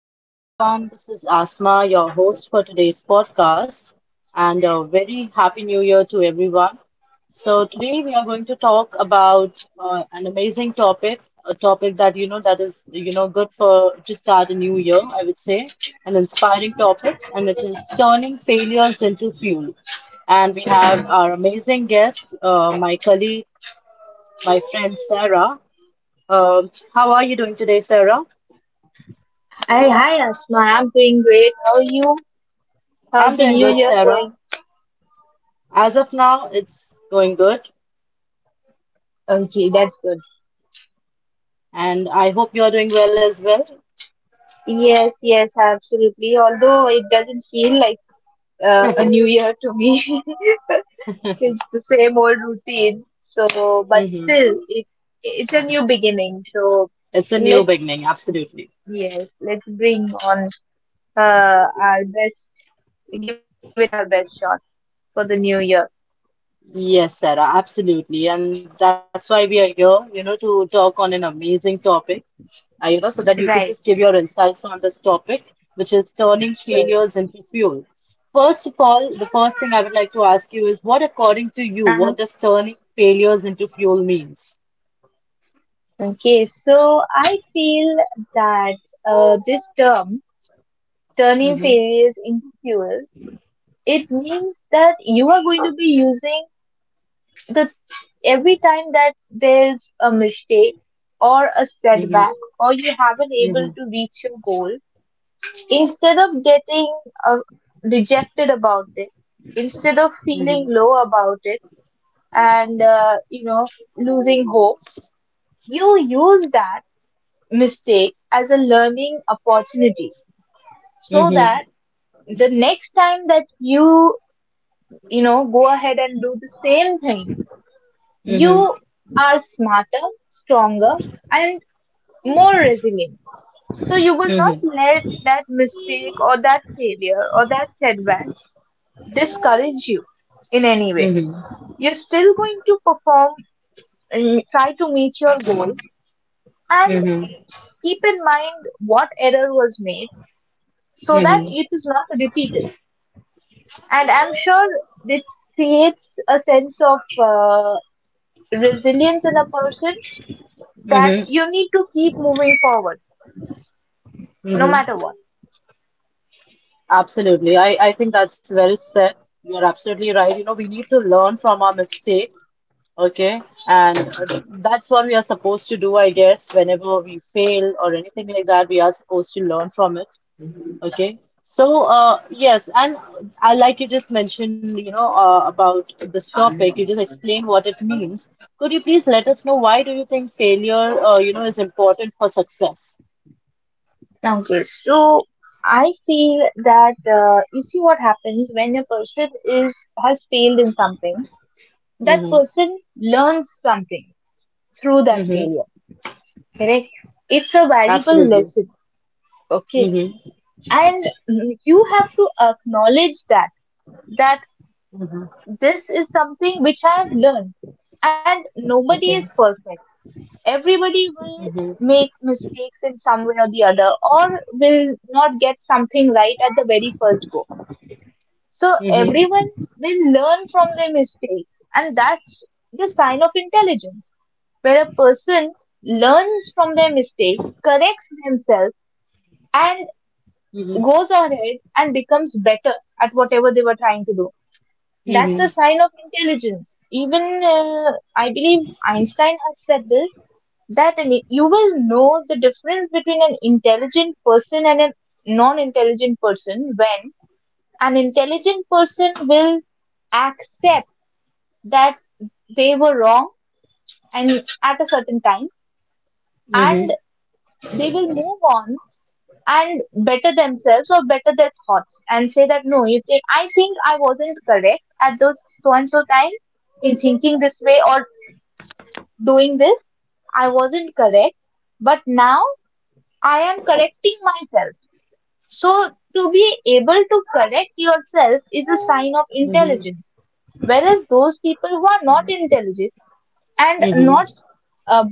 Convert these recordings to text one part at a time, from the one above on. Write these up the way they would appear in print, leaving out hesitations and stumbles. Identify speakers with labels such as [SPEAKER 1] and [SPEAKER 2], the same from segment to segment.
[SPEAKER 1] Hello, everyone. This is Asma, your host for today's podcast, and a very happy new year to everyone. So today we are going to talk about an amazing topic, a topic that you know that is you know good for to start a new year, I would say, an inspiring topic, and it is turning failures into fuel. And we have our amazing guest, my colleague, my friend Sarah. How are you doing today, Sarah?
[SPEAKER 2] Hi, hi Asma, I'm doing great. How are you? How's
[SPEAKER 1] I'm
[SPEAKER 2] your
[SPEAKER 1] doing
[SPEAKER 2] new
[SPEAKER 1] good,
[SPEAKER 2] year
[SPEAKER 1] Sarah.
[SPEAKER 2] going?
[SPEAKER 1] As of now, it's going good,
[SPEAKER 2] Okay, that's good.
[SPEAKER 1] and I hope you're doing well as well.
[SPEAKER 2] Yes, yes, absolutely. Although it doesn't feel like a new year to me. It's the same old routine. So, but
[SPEAKER 1] hmm
[SPEAKER 2] still, it's a new beginning. So,
[SPEAKER 1] It's a new
[SPEAKER 2] let's
[SPEAKER 1] beginning, absolutely.
[SPEAKER 2] yes, let's bring on our best, give it our best shot for the new year.
[SPEAKER 1] Yes, Sarah, absolutely. And that's why we are here, you know, to talk on an amazing topic, you know, so that you could
[SPEAKER 2] Right.
[SPEAKER 1] just give your insights on this topic, which is turning
[SPEAKER 2] Sure.
[SPEAKER 1] failures into fuel. First of all, the first thing I would like to ask you is what, according to you, what does turning failures into fuel means?
[SPEAKER 2] Okay, so I feel that this term, turning
[SPEAKER 1] Mm-hmm,
[SPEAKER 2] failures into fuel, it means that you are going to be using the every time that there's a mistake or a
[SPEAKER 1] mm-hmm,
[SPEAKER 2] setback or you haven't able
[SPEAKER 1] mm-hmm,
[SPEAKER 2] to reach your goal, instead of getting uh, dejected about it, instead of
[SPEAKER 1] mm-hmm,
[SPEAKER 2] feeling low about it and losing hope, you use that mistake as a learning opportunity so
[SPEAKER 1] mm-hmm,
[SPEAKER 2] that the next time that you know go ahead and do the same thing, you are smarter, stronger, and more resilient. So you will not
[SPEAKER 1] mm-hmm,
[SPEAKER 2] let that mistake or that failure or that setback discourage you in any way.
[SPEAKER 1] mm-hmm.
[SPEAKER 2] You're still going to perform and try to meet your goal and
[SPEAKER 1] Mm-hmm.
[SPEAKER 2] keep in mind what error was made so that
[SPEAKER 1] Mm-hmm.
[SPEAKER 2] it is not repeated. And I'm sure this creates a sense of resilience in a person, that
[SPEAKER 1] Mm-hmm.
[SPEAKER 2] you need to keep moving forward no
[SPEAKER 1] Mm-hmm.
[SPEAKER 2] matter what.
[SPEAKER 1] Absolutely. I think that's very said. You're absolutely right. You know, we need to learn from our mistake, okay? And that's what we are supposed to do, I guess. Whenever we fail or anything like that, we are supposed to learn from it, okay? So, yes, and I like you just mentioned, you know, about this topic. You just explained what it means. Could you please let us know why do you think failure, you know, is important for success?
[SPEAKER 2] Okay, so I feel that you see what happens when a person is has failed in something. That
[SPEAKER 1] Mm-hmm.
[SPEAKER 2] person learns something through that
[SPEAKER 1] Mm-hmm.
[SPEAKER 2] failure. Correct? It's a valuable
[SPEAKER 1] Absolutely.
[SPEAKER 2] lesson. Okay,
[SPEAKER 1] Mm-hmm.
[SPEAKER 2] and mm, you have to acknowledge that, that
[SPEAKER 1] Mm-hmm.
[SPEAKER 2] this is something which I have learned. And nobody is
[SPEAKER 1] Okay.
[SPEAKER 2] perfect. Everybody will
[SPEAKER 1] Mm-hmm.
[SPEAKER 2] make mistakes in some way or the other, or will not get something right at the very first go. So
[SPEAKER 1] Mm-hmm.
[SPEAKER 2] everyone will learn from their mistakes, and that's the sign of intelligence. Where a person learns from their mistake, corrects themselves, and
[SPEAKER 1] Mm-hmm.
[SPEAKER 2] goes ahead and becomes better at whatever they were trying to do. That's a sign of intelligence. Even I believe Einstein had said this, that you will know the difference between an intelligent person and a non intelligent person. When an intelligent person will accept that they were wrong and at a certain time, and
[SPEAKER 1] Mm-hmm.
[SPEAKER 2] they will move on and better themselves or better their thoughts and say that, no, if they, I think I wasn't correct at those so and so time in thinking this way or doing this. I wasn't correct, but now I am correcting myself. So, to be able to correct yourself is a sign of
[SPEAKER 1] Mm-hmm.
[SPEAKER 2] intelligence. Whereas those people who are not intelligent and not,
[SPEAKER 1] Mm-hmm.
[SPEAKER 2] uh,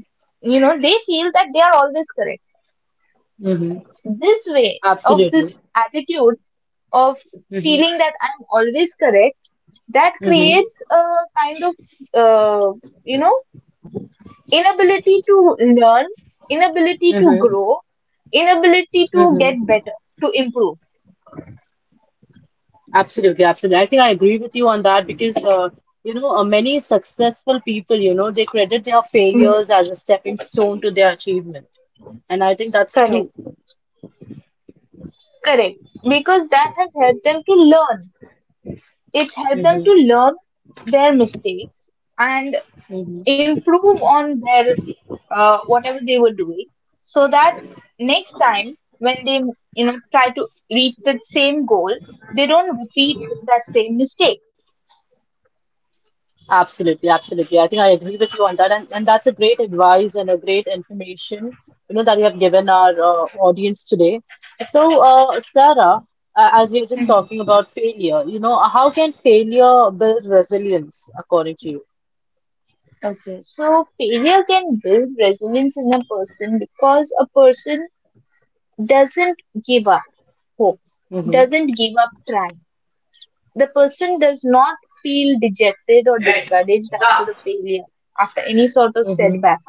[SPEAKER 2] you know, they feel that they are always correct.
[SPEAKER 1] Mm-hmm.
[SPEAKER 2] This way of
[SPEAKER 1] Absolutely.
[SPEAKER 2] this attitude of
[SPEAKER 1] Mm-hmm.
[SPEAKER 2] feeling that I'm always correct, that
[SPEAKER 1] Mm-hmm.
[SPEAKER 2] creates a kind of, uh, you know, inability to learn, inability to
[SPEAKER 1] Mm-hmm.
[SPEAKER 2] grow, inability to get
[SPEAKER 1] Mm-hmm.
[SPEAKER 2] better, to improve.
[SPEAKER 1] Absolutely. Absolutely. I think I agree with you on that because you know many successful people, you know, they credit their
[SPEAKER 2] Mhm.
[SPEAKER 1] failures as a stepping stone to their achievement, and I think that's
[SPEAKER 2] Correct.
[SPEAKER 1] true.
[SPEAKER 2] Correct. Because that has helped them to learn. It's helped them to
[SPEAKER 1] Mm-hmm.
[SPEAKER 2] learn their mistakes and improve on their whatever they were doing, so that next time when they, you know, try to reach that same goal, they don't repeat that same mistake.
[SPEAKER 1] Absolutely, absolutely. I think I agree with you on that, and that's a great advice and a great information, you know, that you have given our audience today. So, Sarah, as we were just talking about failure, you know, how can failure build resilience according to you?
[SPEAKER 2] Okay, so failure can build resilience in a person because a person doesn't give up hope,
[SPEAKER 1] Mm-hmm,
[SPEAKER 2] doesn't give up trying. The person does not feel dejected or discouraged after a failure, after any sort of
[SPEAKER 1] mm-hmm,
[SPEAKER 2] setback.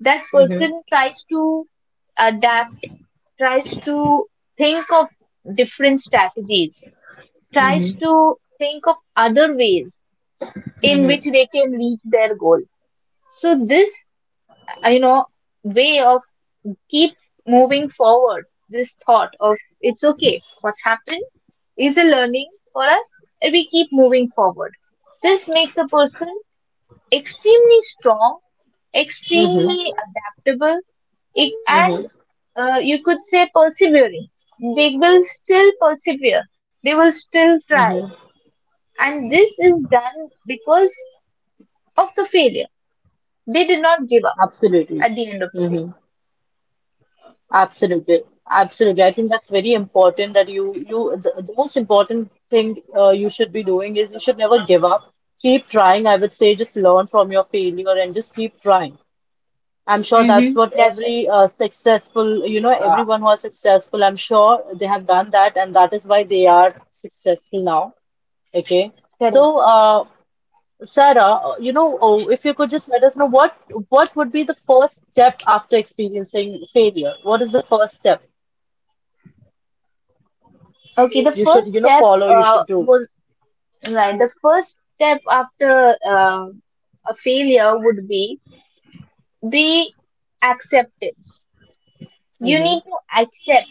[SPEAKER 2] That
[SPEAKER 1] mm-hmm,
[SPEAKER 2] person tries to adapt, tries to think of different strategies, tries
[SPEAKER 1] mm-hmm,
[SPEAKER 2] to think of other ways in which they can reach their goal. So, this, you know, way of keep moving forward. This thought of it's okay, what's happened is a learning for us, and we keep moving forward. This makes a person extremely strong,
[SPEAKER 1] mm-hmm,
[SPEAKER 2] extremely adaptable, it, and
[SPEAKER 1] mm-hmm,
[SPEAKER 2] you could say persevering. They will still persevere, they will still try,
[SPEAKER 1] mm-hmm.
[SPEAKER 2] and this is done because of the failure. They did not give up
[SPEAKER 1] Absolutely.
[SPEAKER 2] at the end of the day.
[SPEAKER 1] Absolutely, absolutely. I think that's very important that you the most important thing you should be doing is you should never give up. Keep trying. I would say just learn from your failure and just keep trying. I'm sure
[SPEAKER 2] Mm-hmm.
[SPEAKER 1] that's what
[SPEAKER 2] That's right,
[SPEAKER 1] every successful, you know, everyone who is successful, I'm sure they have done that, and that is why they are successful now. Okay.
[SPEAKER 2] correct.
[SPEAKER 1] So, Sarah, you know, oh, if you could just let us know what would be the first step after experiencing failure? What is the first step?
[SPEAKER 2] Okay, the
[SPEAKER 1] You should,
[SPEAKER 2] first
[SPEAKER 1] you know,
[SPEAKER 2] step
[SPEAKER 1] follow, you should do.
[SPEAKER 2] was Right. The first step after a failure would be the acceptance. You need
[SPEAKER 1] hmm
[SPEAKER 2] to accept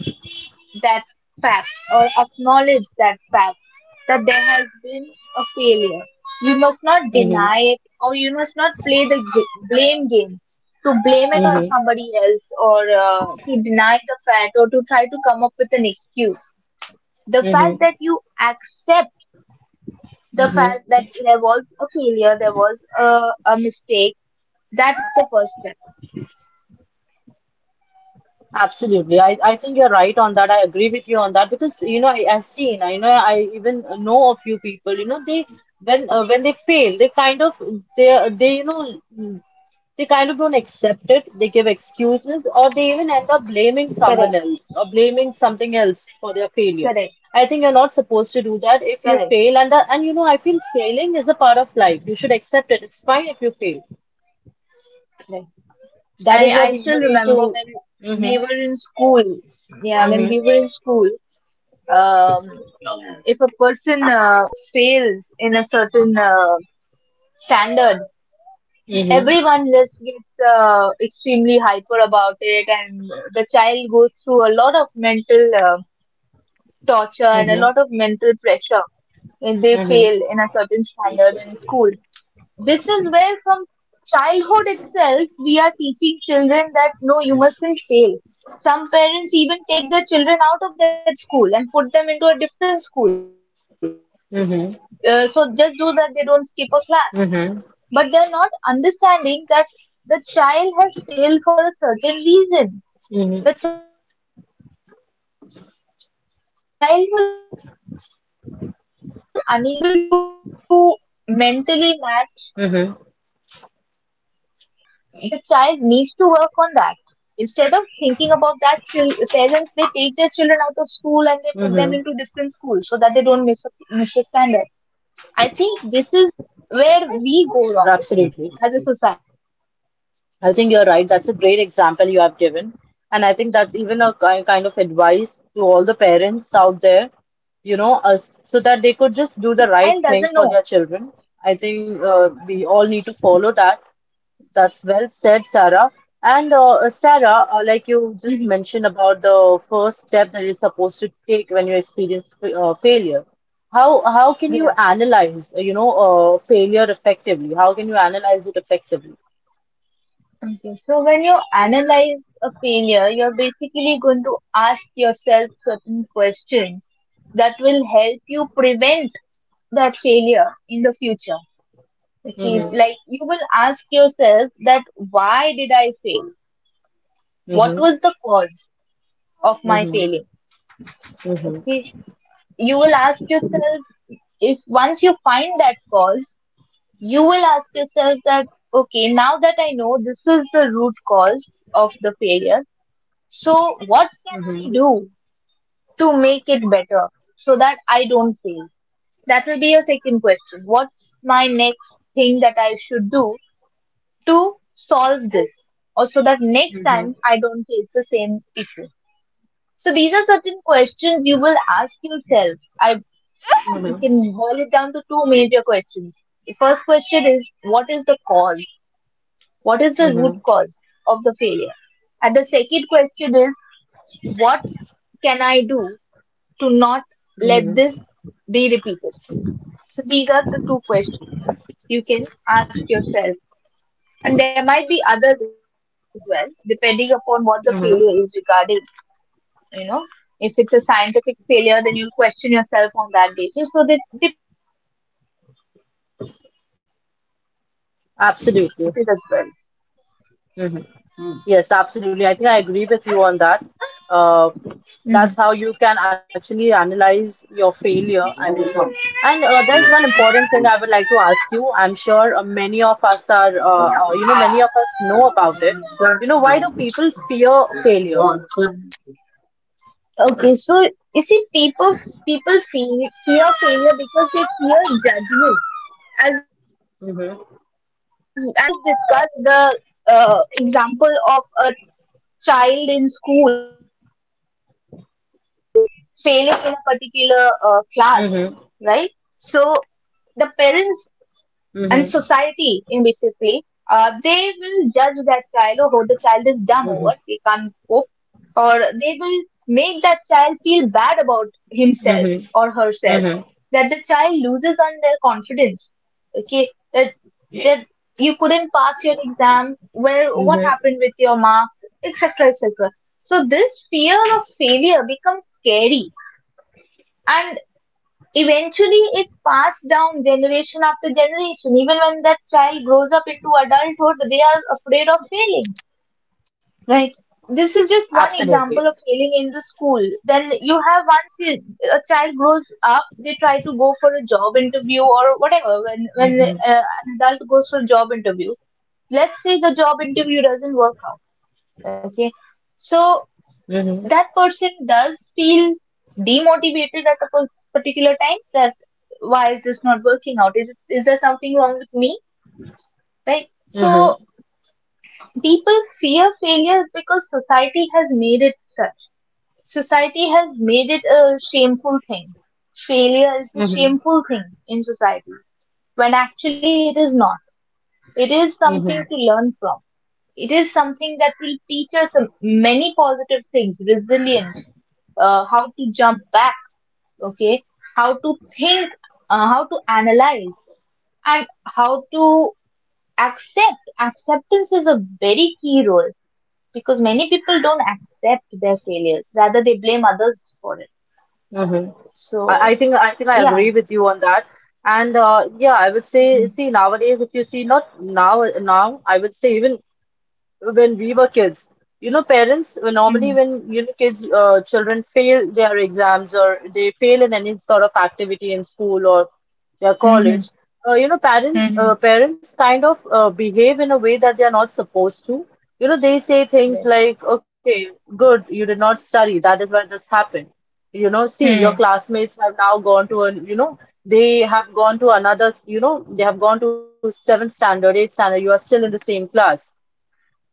[SPEAKER 2] that fact or acknowledge that fact, that there has been a failure. You must not
[SPEAKER 1] hmm
[SPEAKER 2] deny it, or you must not play the blame game to blame it on
[SPEAKER 1] hmm
[SPEAKER 2] somebody else or to deny the fact or to try to come up with an excuse. The fact
[SPEAKER 1] hmm
[SPEAKER 2] that you accept the
[SPEAKER 1] hmm
[SPEAKER 2] fact that there was a failure, there was a mistake. That's the first step.
[SPEAKER 1] Absolutely. I think you're right on that. I agree with you on that because, you know, I've seen, I know, I even know a few people, you know, when they fail, they, they, you know, they kind of don't accept it. They give excuses, or they even end
[SPEAKER 2] Correct,
[SPEAKER 1] up blaming someone else or blaming something else for their
[SPEAKER 2] correct,
[SPEAKER 1] failure. I think you're not supposed to do that
[SPEAKER 2] correct,
[SPEAKER 1] if you fail, and you know, I feel failing is a part of life. You should accept it. It's fine if you fail.
[SPEAKER 2] correct.
[SPEAKER 1] That is
[SPEAKER 2] I
[SPEAKER 1] what you
[SPEAKER 2] still
[SPEAKER 1] need
[SPEAKER 2] remember
[SPEAKER 1] to.
[SPEAKER 2] when we
[SPEAKER 1] Mhm.
[SPEAKER 2] were in school. Yeah, when
[SPEAKER 1] Mhm.
[SPEAKER 2] we were in school, um, if a person fails in a certain standard,
[SPEAKER 1] Mhm.
[SPEAKER 2] everyone just gets extremely hyper about it, and the child goes through a lot of mental torture and a lot
[SPEAKER 1] Mhm.
[SPEAKER 2] of mental pressure if they fail
[SPEAKER 1] Mhm.
[SPEAKER 2] in a certain standard in school. This is where, from childhood itself, we are teaching children that no, you mustn't fail. Some parents even take their children out of that school and put them into a different school.
[SPEAKER 1] Mhm.
[SPEAKER 2] So just do that, they don't skip a class.
[SPEAKER 1] Mhm.
[SPEAKER 2] But they're not understanding that the child has failed for a certain reason.
[SPEAKER 1] Mhm.
[SPEAKER 2] The child was unable to mentally match the or mentally meet the capacity of the other kids, and
[SPEAKER 1] Mhm.
[SPEAKER 2] the child needs to work on that. Instead of thinking about that, parents, they take their children out of school and they put them into different schools so that they
[SPEAKER 1] Mhm.
[SPEAKER 2] don't misunderstand it. I think this is where we go wrong as a society
[SPEAKER 1] Absolutely.
[SPEAKER 2] because
[SPEAKER 1] I think you're right. That's a
[SPEAKER 2] as
[SPEAKER 1] great example
[SPEAKER 2] a
[SPEAKER 1] you have
[SPEAKER 2] child
[SPEAKER 1] given.
[SPEAKER 2] doesn't
[SPEAKER 1] And
[SPEAKER 2] know.
[SPEAKER 1] I think that's even a kind of advice to all the parents out there, you know, us, so that they could just do the right thing for their children. I think we all need to follow that. That's well said, Sarah. And Sarah, like you just
[SPEAKER 2] Mhm.
[SPEAKER 1] mentioned about the first step that you're supposed to take when you experience failure. How can you
[SPEAKER 2] Yeah.
[SPEAKER 1] analyze, you know, failure effectively? How can you analyze it effectively?
[SPEAKER 2] Okay, so when you analyze a failure, you're basically going to ask yourself certain questions that will help you prevent that failure in the future. Okay,
[SPEAKER 1] hmm
[SPEAKER 2] like you will ask yourself that why did I fail? What was the cause of my
[SPEAKER 1] Mhm,
[SPEAKER 2] failing?
[SPEAKER 1] mhm,
[SPEAKER 2] Okay, you will ask yourself if once you find that cause, you will ask yourself that, okay, now that I know this is the root cause of the failure, so what can I
[SPEAKER 1] mhm,
[SPEAKER 2] do to make it better so that I don't fail? That will be your second question. What's my next thing that I should do to solve this or so that next time
[SPEAKER 1] mhm,
[SPEAKER 2] I don't face the same issue. So these are certain questions you will ask yourself. I You
[SPEAKER 1] mhm,
[SPEAKER 2] can boil it down to two major questions. The first question is, what is the cause? What is the root
[SPEAKER 1] mhm,
[SPEAKER 2] cause of the failure? And the second question is, what can I do to not let
[SPEAKER 1] mhm,
[SPEAKER 2] this be repeated? So these are the two questions you can ask yourself, and there might be others as well depending upon what the failure is regarding.
[SPEAKER 1] mhm.
[SPEAKER 2] You know, if it's a scientific failure, then you'll question yourself on that basis, so that depends. So depends on what type of failure it is as
[SPEAKER 1] Absolutely.
[SPEAKER 2] well.
[SPEAKER 1] hmm Yes, absolutely. I think I agree with you on that. Uh,
[SPEAKER 2] Hmm.
[SPEAKER 1] that's how you can actually analyze your failure, I believe. And there's one important thing I would like to ask you. I'm sure many of us are, you know, many of us know about it. You know, why do people fear failure?
[SPEAKER 2] Okay, so you see people, people feel fear failure because they fear judgment, as as we just
[SPEAKER 1] Mhm,
[SPEAKER 2] discussed the example of a child in school failing in a particular class, right? So the parents
[SPEAKER 1] mhm,
[SPEAKER 2] and society, in basically,
[SPEAKER 1] mhm,
[SPEAKER 2] they will judge that child, oh, the child is dumb over, they can't cope,
[SPEAKER 1] mhm,
[SPEAKER 2] or they will make that child feel bad about himself or herself,
[SPEAKER 1] mhm,
[SPEAKER 2] that the child
[SPEAKER 1] mhm,
[SPEAKER 2] loses on their confidence. Okay, that that you couldn't pass your exam, where what happened with
[SPEAKER 1] mhm.
[SPEAKER 2] your marks, etc., etc. So this fear of failure becomes scary, and. Eventually, it's passed down generation after generation. Even when that child grows up into adulthood, they are afraid of failing, right? This is just one
[SPEAKER 1] Absolutely.
[SPEAKER 2] example of failing in the school. Then you have once you, a child grows up, they try to go for a job interview or whatever. When an adult goes for a job interview, let's say the job interview doesn't work out. Okay, so
[SPEAKER 1] Mm-hmm.
[SPEAKER 2] that person does feel demotivated at a particular time that, why is this not working out, is it, is there something wrong with me, right?
[SPEAKER 1] Mm-hmm.
[SPEAKER 2] So people fear failure because society has made it such. Society has made it a shameful thing. Failure is a
[SPEAKER 1] Mm-hmm.
[SPEAKER 2] shameful thing in society when actually it is not. It is something to
[SPEAKER 1] Mm-hmm.
[SPEAKER 2] learn from. It is something that will teach us many positive things, resilience, how to jump back, okay, how to think, how to analyze, and how to accept. Acceptance is a very key role because many people don't accept their failures, rather they blame others for it.
[SPEAKER 1] Mm-hmm. I,
[SPEAKER 2] So,
[SPEAKER 1] I think I think I
[SPEAKER 2] yeah.
[SPEAKER 1] agree with you on that. And yeah, I would say,
[SPEAKER 2] Mhm,
[SPEAKER 1] see, nowadays, if you see, not now, now, I would say even when we were kids. You know, parents normally
[SPEAKER 2] mhm,
[SPEAKER 1] when you know kids, children fail their exams or they fail in any sort of activity in school or their
[SPEAKER 2] mhm,
[SPEAKER 1] college. You know,
[SPEAKER 2] mhm.
[SPEAKER 1] parents kind of behave in a way that they are not supposed to. You know, they say things
[SPEAKER 2] Correct.
[SPEAKER 1] like, "Okay, good, you did not study. That is why this happened." You know, see, your
[SPEAKER 2] Hmm.
[SPEAKER 1] classmates have now gone to an, you know, they have gone to another, you know, they have gone to seventh standard, eighth standard. You are still in the same class,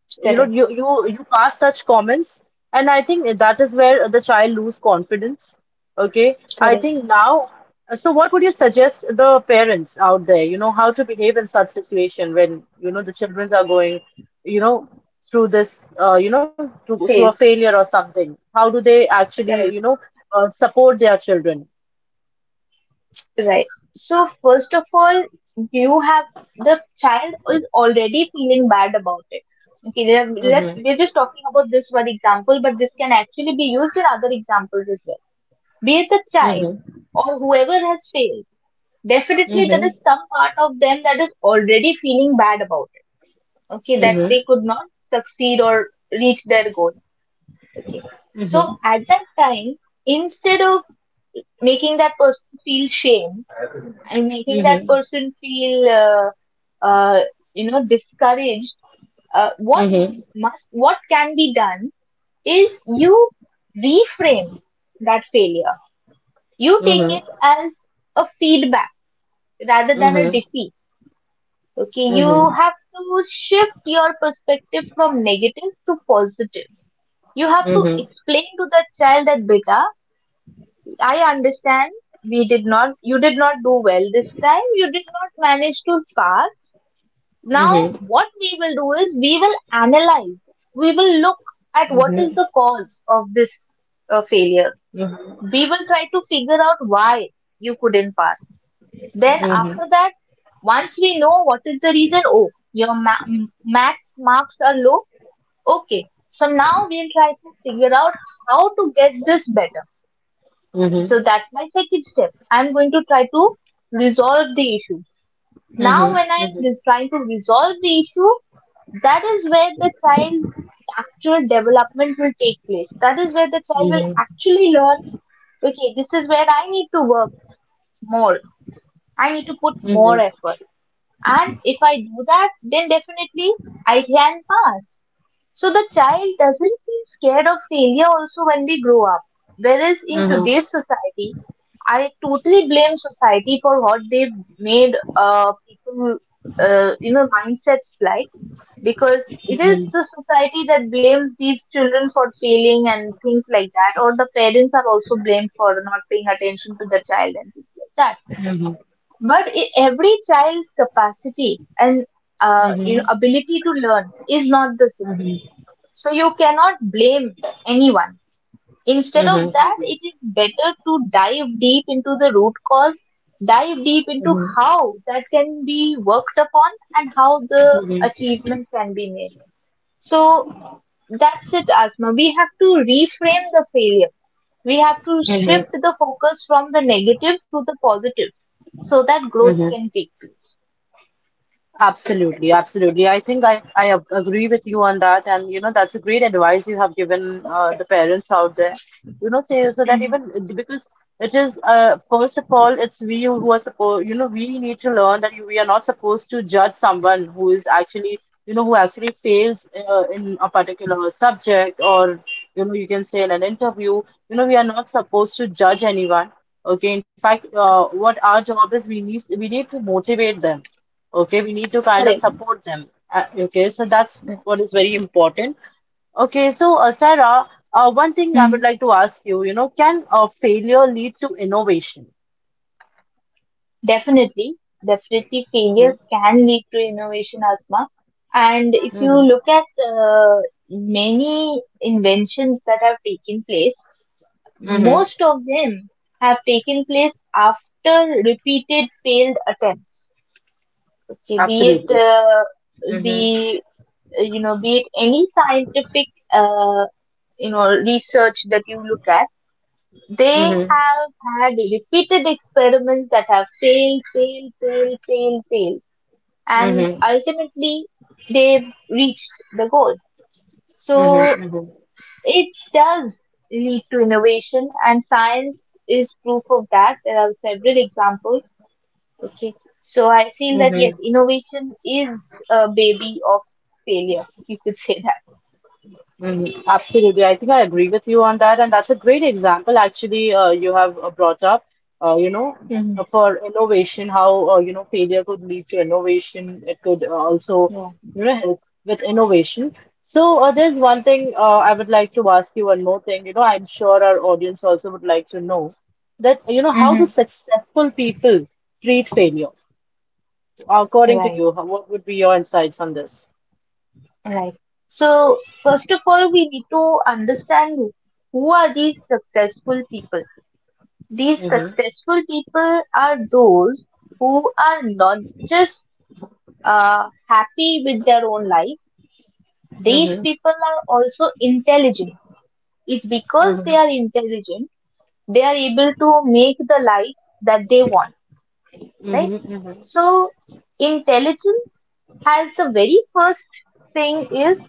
[SPEAKER 1] you know, you
[SPEAKER 2] Correct.
[SPEAKER 1] you you pass such comments, and I think that is where the child lose confidence, okay? I
[SPEAKER 2] Correct.
[SPEAKER 1] think now, so what would you suggest the parents out there, you know, how to behave in such situation when you know the children are going, you know, through this, you know, through a
[SPEAKER 2] Phase.
[SPEAKER 1] failure or something? How do they actually, you
[SPEAKER 2] Correct.
[SPEAKER 1] know, support their children?
[SPEAKER 2] Right. So first of all, you have the child is already feeling bad about it. Okay, they have- let
[SPEAKER 1] Mm-hmm.
[SPEAKER 2] we're just talking about this one example, but this can actually be used in other examples as well. Be it the child
[SPEAKER 1] Mm-hmm.
[SPEAKER 2] or whoever has failed, definitely there
[SPEAKER 1] Mm-hmm.
[SPEAKER 2] is some part of them that is already feeling bad about it. Okay, that
[SPEAKER 1] Mm-hmm.
[SPEAKER 2] they could not succeed or reach their goal. Okay, so
[SPEAKER 1] Mm-hmm.
[SPEAKER 2] at that time, instead of making that person feel shame and making that
[SPEAKER 1] Mm-hmm.
[SPEAKER 2] person feel uh, you know discouraged, what
[SPEAKER 1] Mm-hmm. Mm-hmm.
[SPEAKER 2] must what can be done is you reframe that failure. You take
[SPEAKER 1] Mm-hmm.
[SPEAKER 2] it as a feedback rather than a
[SPEAKER 1] Mm-hmm.
[SPEAKER 2] defeat. Okay, you
[SPEAKER 1] Mm-hmm.
[SPEAKER 2] have to shift your perspective from negative to positive. You have to
[SPEAKER 1] Mm-hmm,
[SPEAKER 2] explain to that child that beta, I understand we did not you did not do well this time, you did not manage to pass. Now,
[SPEAKER 1] mm-hmm.
[SPEAKER 2] what we will do is we will analyze, we will look at what is the cause of this failure.
[SPEAKER 1] Mm-hmm.
[SPEAKER 2] We will try to figure out why you couldn't pass. Then, after that, once we know what is the reason, oh, your max marks are low. Okay, so now we'll try to figure out how to get this better. So, that's my second step. I'm going to try to resolve the issue. Now, when I'm just trying to resolve the issue, that is where the child's actual development will take place. That is where the child will actually learn, okay, this is where I need to work more. I need to put more effort. And if I do that, then definitely I can pass. So the child doesn't feel scared of failure also when they grow up. Whereas in today's society, I totally blame society for what they've made people, you know, mindsets like, because it is the society that blames these children for failing and things like that, or the parents are also blamed for not paying attention to the child and things like that. But I every child's capacity and you know ability to learn is not the same, so you cannot blame anyone. Instead of that, it is better to dive deep into the root cause, dive deep into how that can be worked upon and how the achievement can be made. So that's it, Asma. We have to reframe the failure. We have to shift the focus from the negative to the positive so that growth can take place.
[SPEAKER 1] Absolutely, absolutely. I think I agree with you on that. And, you know, that's a great advice you have given the parents out there. You know, say so that
[SPEAKER 2] Mhm.
[SPEAKER 1] even because it is, first of all, it's we who are supposed, you know, we need to learn that we are not supposed to judge someone who is actually, you know, who actually fails in a particular subject or, you know, you can say in an interview, you know, we are not supposed to judge anyone. Okay. In fact, what our job is, we need to motivate them. Okay, we need to kind of
[SPEAKER 2] Correct.
[SPEAKER 1] support them. Okay, so that's what is very important. Okay, so Sarah, one thing I would like to ask you, you know, can a failure lead to innovation?
[SPEAKER 2] Definitely, definitely, failure
[SPEAKER 1] Mm-hmm.
[SPEAKER 2] can lead to innovation, Asma. And if you
[SPEAKER 1] Mm-hmm.
[SPEAKER 2] look at uh, many inventions that have taken place,
[SPEAKER 1] Mm-hmm.
[SPEAKER 2] most of them have taken place after repeated failed attempts. Okay, be it
[SPEAKER 1] Absolutely. Mm-hmm.
[SPEAKER 2] the you know, be it any scientific you know research that you look at, they
[SPEAKER 1] Mm-hmm.
[SPEAKER 2] have had repeated experiments that have failed, failed, failed, failed, failed and
[SPEAKER 1] Mm-hmm.
[SPEAKER 2] ultimately they've reached the goal. So
[SPEAKER 1] Mm-hmm.
[SPEAKER 2] it does lead to innovation and science is proof of that. There are several examples. Okay. So I feel that
[SPEAKER 1] Mm-hmm.
[SPEAKER 2] yes, innovation is a baby of failure. You could say that.
[SPEAKER 1] Mm, absolutely. I think I agree with you on that. And that's a great example, actually, you have brought up, you know,
[SPEAKER 2] Mhm.
[SPEAKER 1] for innovation, how, you know, failure could lead to innovation. It could also,
[SPEAKER 2] Yeah.
[SPEAKER 1] you know, help with innovation. So, there's one thing I would like to ask you one more thing. You know, I'm sure our audience also would like to know that, you know, how
[SPEAKER 2] Mm-hmm.
[SPEAKER 1] do successful people treat failure? According to
[SPEAKER 2] Right.
[SPEAKER 1] you, how- what would be your insights on this?
[SPEAKER 2] Right. So first of all, we need to understand who are these successful people. These
[SPEAKER 1] Mm-hmm.
[SPEAKER 2] successful people are those who are not just happy with their own life, these
[SPEAKER 1] Mm-hmm.
[SPEAKER 2] people are also intelligent. It's because
[SPEAKER 1] Mm-hmm.
[SPEAKER 2] they are intelligent, they are able to make the life that they want, right?
[SPEAKER 1] Mm-hmm.
[SPEAKER 2] So, intelligence has, the very first thing is,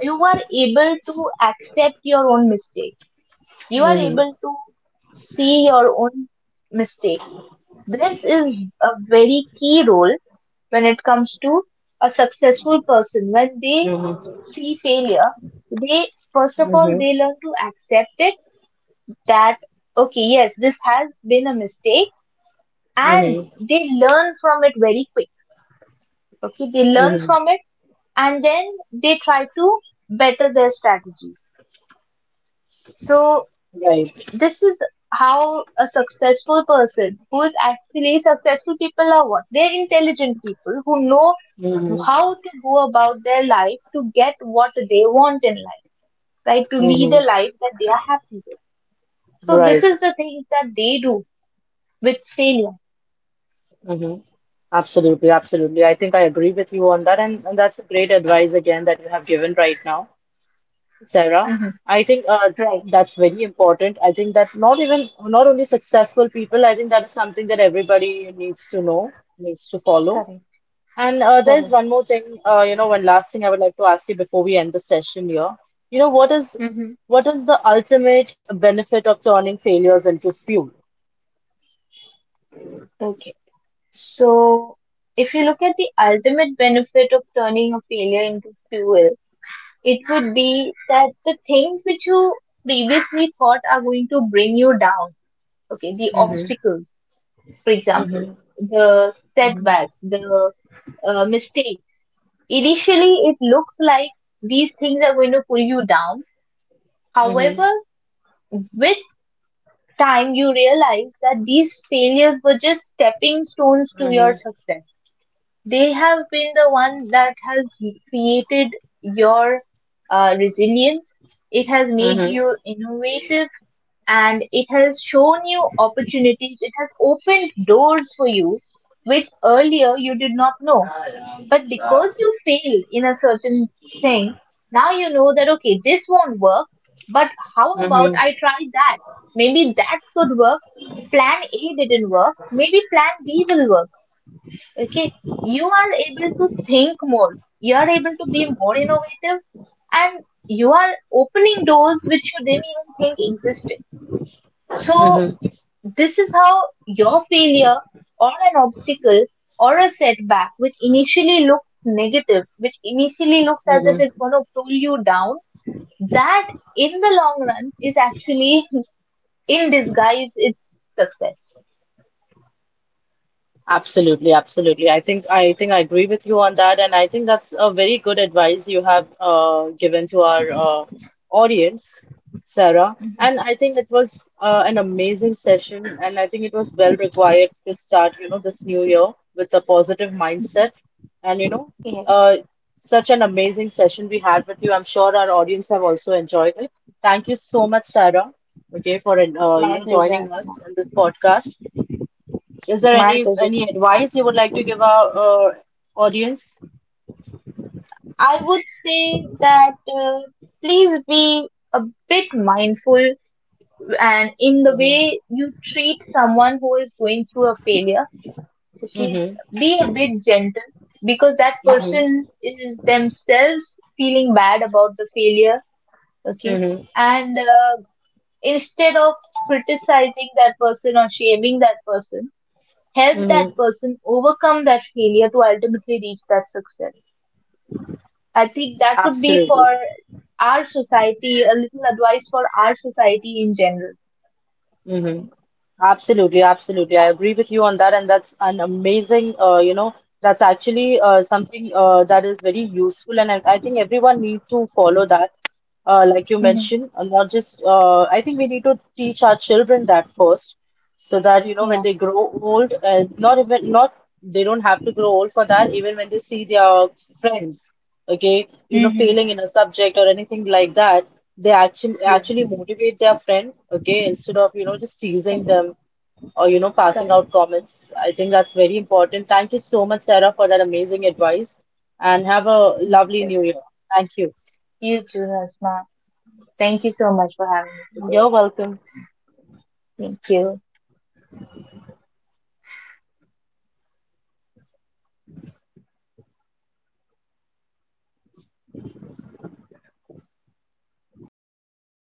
[SPEAKER 2] you are able to accept your own mistake. You are
[SPEAKER 1] Mm-hmm.
[SPEAKER 2] able to see your own mistake. This is a very key role when it comes to a successful person. When they
[SPEAKER 1] Mm-hmm.
[SPEAKER 2] see failure, they first of all
[SPEAKER 1] Mm-hmm.
[SPEAKER 2] they learn to accept it, that okay, yes, this has been a mistake, and
[SPEAKER 1] Mm-hmm.
[SPEAKER 2] they learn from it very quick. Okay, they learn
[SPEAKER 1] Mm-hmm.
[SPEAKER 2] from it and then they try to better their strategies. So
[SPEAKER 1] Right.
[SPEAKER 2] this is how a successful person, who is actually, successful people are, what, they're intelligent people who know
[SPEAKER 1] Mm-hmm. Mm-hmm.
[SPEAKER 2] how to go about their life to get what they want in life, right, to
[SPEAKER 1] Mm-hmm.
[SPEAKER 2] lead a
[SPEAKER 1] Mm-hmm.
[SPEAKER 2] life that they are happy with. So this
[SPEAKER 1] Right.
[SPEAKER 2] is the things that they do with failure.
[SPEAKER 1] Mm-hmm. Absolutely, absolutely. I think I agree with you on that, and, that's a great advice again that you have given right now, Sarah.
[SPEAKER 2] Hmm.
[SPEAKER 1] I think
[SPEAKER 2] Right.
[SPEAKER 1] that's very important. I think that not even not only successful people, I think that is something that everybody needs to know, needs to follow.
[SPEAKER 2] Correct.
[SPEAKER 1] And there's
[SPEAKER 2] Correct.
[SPEAKER 1] one more thing, you know, one last thing I would like to ask you before we end the session here. You know,
[SPEAKER 2] Hmm.
[SPEAKER 1] what is the ultimate benefit of turning failures into fuel?
[SPEAKER 2] Okay, so if you look at the ultimate benefit of turning a failure into fuel, it would be that the things which you previously thought are going to bring you down, okay, the
[SPEAKER 1] Mm-hmm,
[SPEAKER 2] obstacles, for example,
[SPEAKER 1] mm-hmm,
[SPEAKER 2] the setbacks, the mistakes. Initially, it looks like these things are going to pull you down.
[SPEAKER 1] mm-hmm,
[SPEAKER 2] However, with time, you realize that these failures were just stepping stones to your
[SPEAKER 1] mm-hmm,
[SPEAKER 2] success. They have been the one that has created your resilience. It has made
[SPEAKER 1] mm-hmm,
[SPEAKER 2] you innovative and it has shown you opportunities. It has opened doors for you, which earlier you did not know. But because you failed in a certain thing, now you know that, okay, this won't work, but how about
[SPEAKER 1] mm-hmm,
[SPEAKER 2] I try that? Maybe that could work. Plan A didn't work. Maybe plan B will work. Okay, you are able to think more, you are able to be more innovative, and you are opening doors which you didn't even think existed. So
[SPEAKER 1] mm-hmm,
[SPEAKER 2] this is how your failure or an obstacle or a setback, which initially looks negative, which initially looks as if
[SPEAKER 1] mm-hmm.
[SPEAKER 2] it's going to pull you down, that in the long run is actually in disguise its success.
[SPEAKER 1] Absolutely, absolutely. I agree with you on that, and I think that's a very good advice you have given to our audience, Sarah.
[SPEAKER 2] Mhm.
[SPEAKER 1] And I think it was an amazing session, and I think it was well required to start, you know, this new year with a positive mindset. And you know,
[SPEAKER 2] Yes.
[SPEAKER 1] uh, such an amazing session we had with you. I'm sure our audience have also enjoyed it. Thank you so much, Sarah, okay, for you
[SPEAKER 2] My
[SPEAKER 1] know
[SPEAKER 2] pleasure,
[SPEAKER 1] joining
[SPEAKER 2] Asma.
[SPEAKER 1] us in this podcast. Is there
[SPEAKER 2] My pleasure.
[SPEAKER 1] any advice you would like to give our audience?
[SPEAKER 2] I would say that please be a bit mindful and in the
[SPEAKER 1] Mm-hmm.
[SPEAKER 2] way you treat someone who is going through a failure, okay,
[SPEAKER 1] Mm-hmm.
[SPEAKER 2] be a bit gentle because that person
[SPEAKER 1] Mm-hmm.
[SPEAKER 2] is themselves feeling bad about the failure, okay,
[SPEAKER 1] Mm-hmm.
[SPEAKER 2] and instead of criticizing that person or shaming that person, help that
[SPEAKER 1] Mm-hmm.
[SPEAKER 2] person overcome that failure to ultimately reach that success. I think that would be for
[SPEAKER 1] Absolutely.
[SPEAKER 2] our society, a little advice for our society in general.
[SPEAKER 1] Mm-hmm. Absolutely. Absolutely. I agree with you on that, and that's an amazing. You know, that's actually something that is very useful, and I think everyone needs to follow that. Like you
[SPEAKER 2] Mm-hmm.
[SPEAKER 1] mentioned, and not just. I think we need to teach our children that first, so that you know when
[SPEAKER 2] Yeah.
[SPEAKER 1] they grow old, and not even not they don't have to grow old for that, even when they see their friends, okay, you know,
[SPEAKER 2] Mm-hmm.
[SPEAKER 1] failing in a subject or anything like that, they actually
[SPEAKER 2] Yeah,
[SPEAKER 1] actually motivate their friend, okay, instead of, you know, just teasing
[SPEAKER 2] correct,
[SPEAKER 1] them or, you know, passing
[SPEAKER 2] correct.
[SPEAKER 1] out comments. I think that's very important. Thank you so much, Sarah, for that amazing advice, and have a
[SPEAKER 2] My
[SPEAKER 1] lovely new
[SPEAKER 2] pleasure.
[SPEAKER 1] year. Thank you.
[SPEAKER 2] You too, Hasma. Thank you so much for having me today.
[SPEAKER 1] You're welcome.
[SPEAKER 2] Thank you.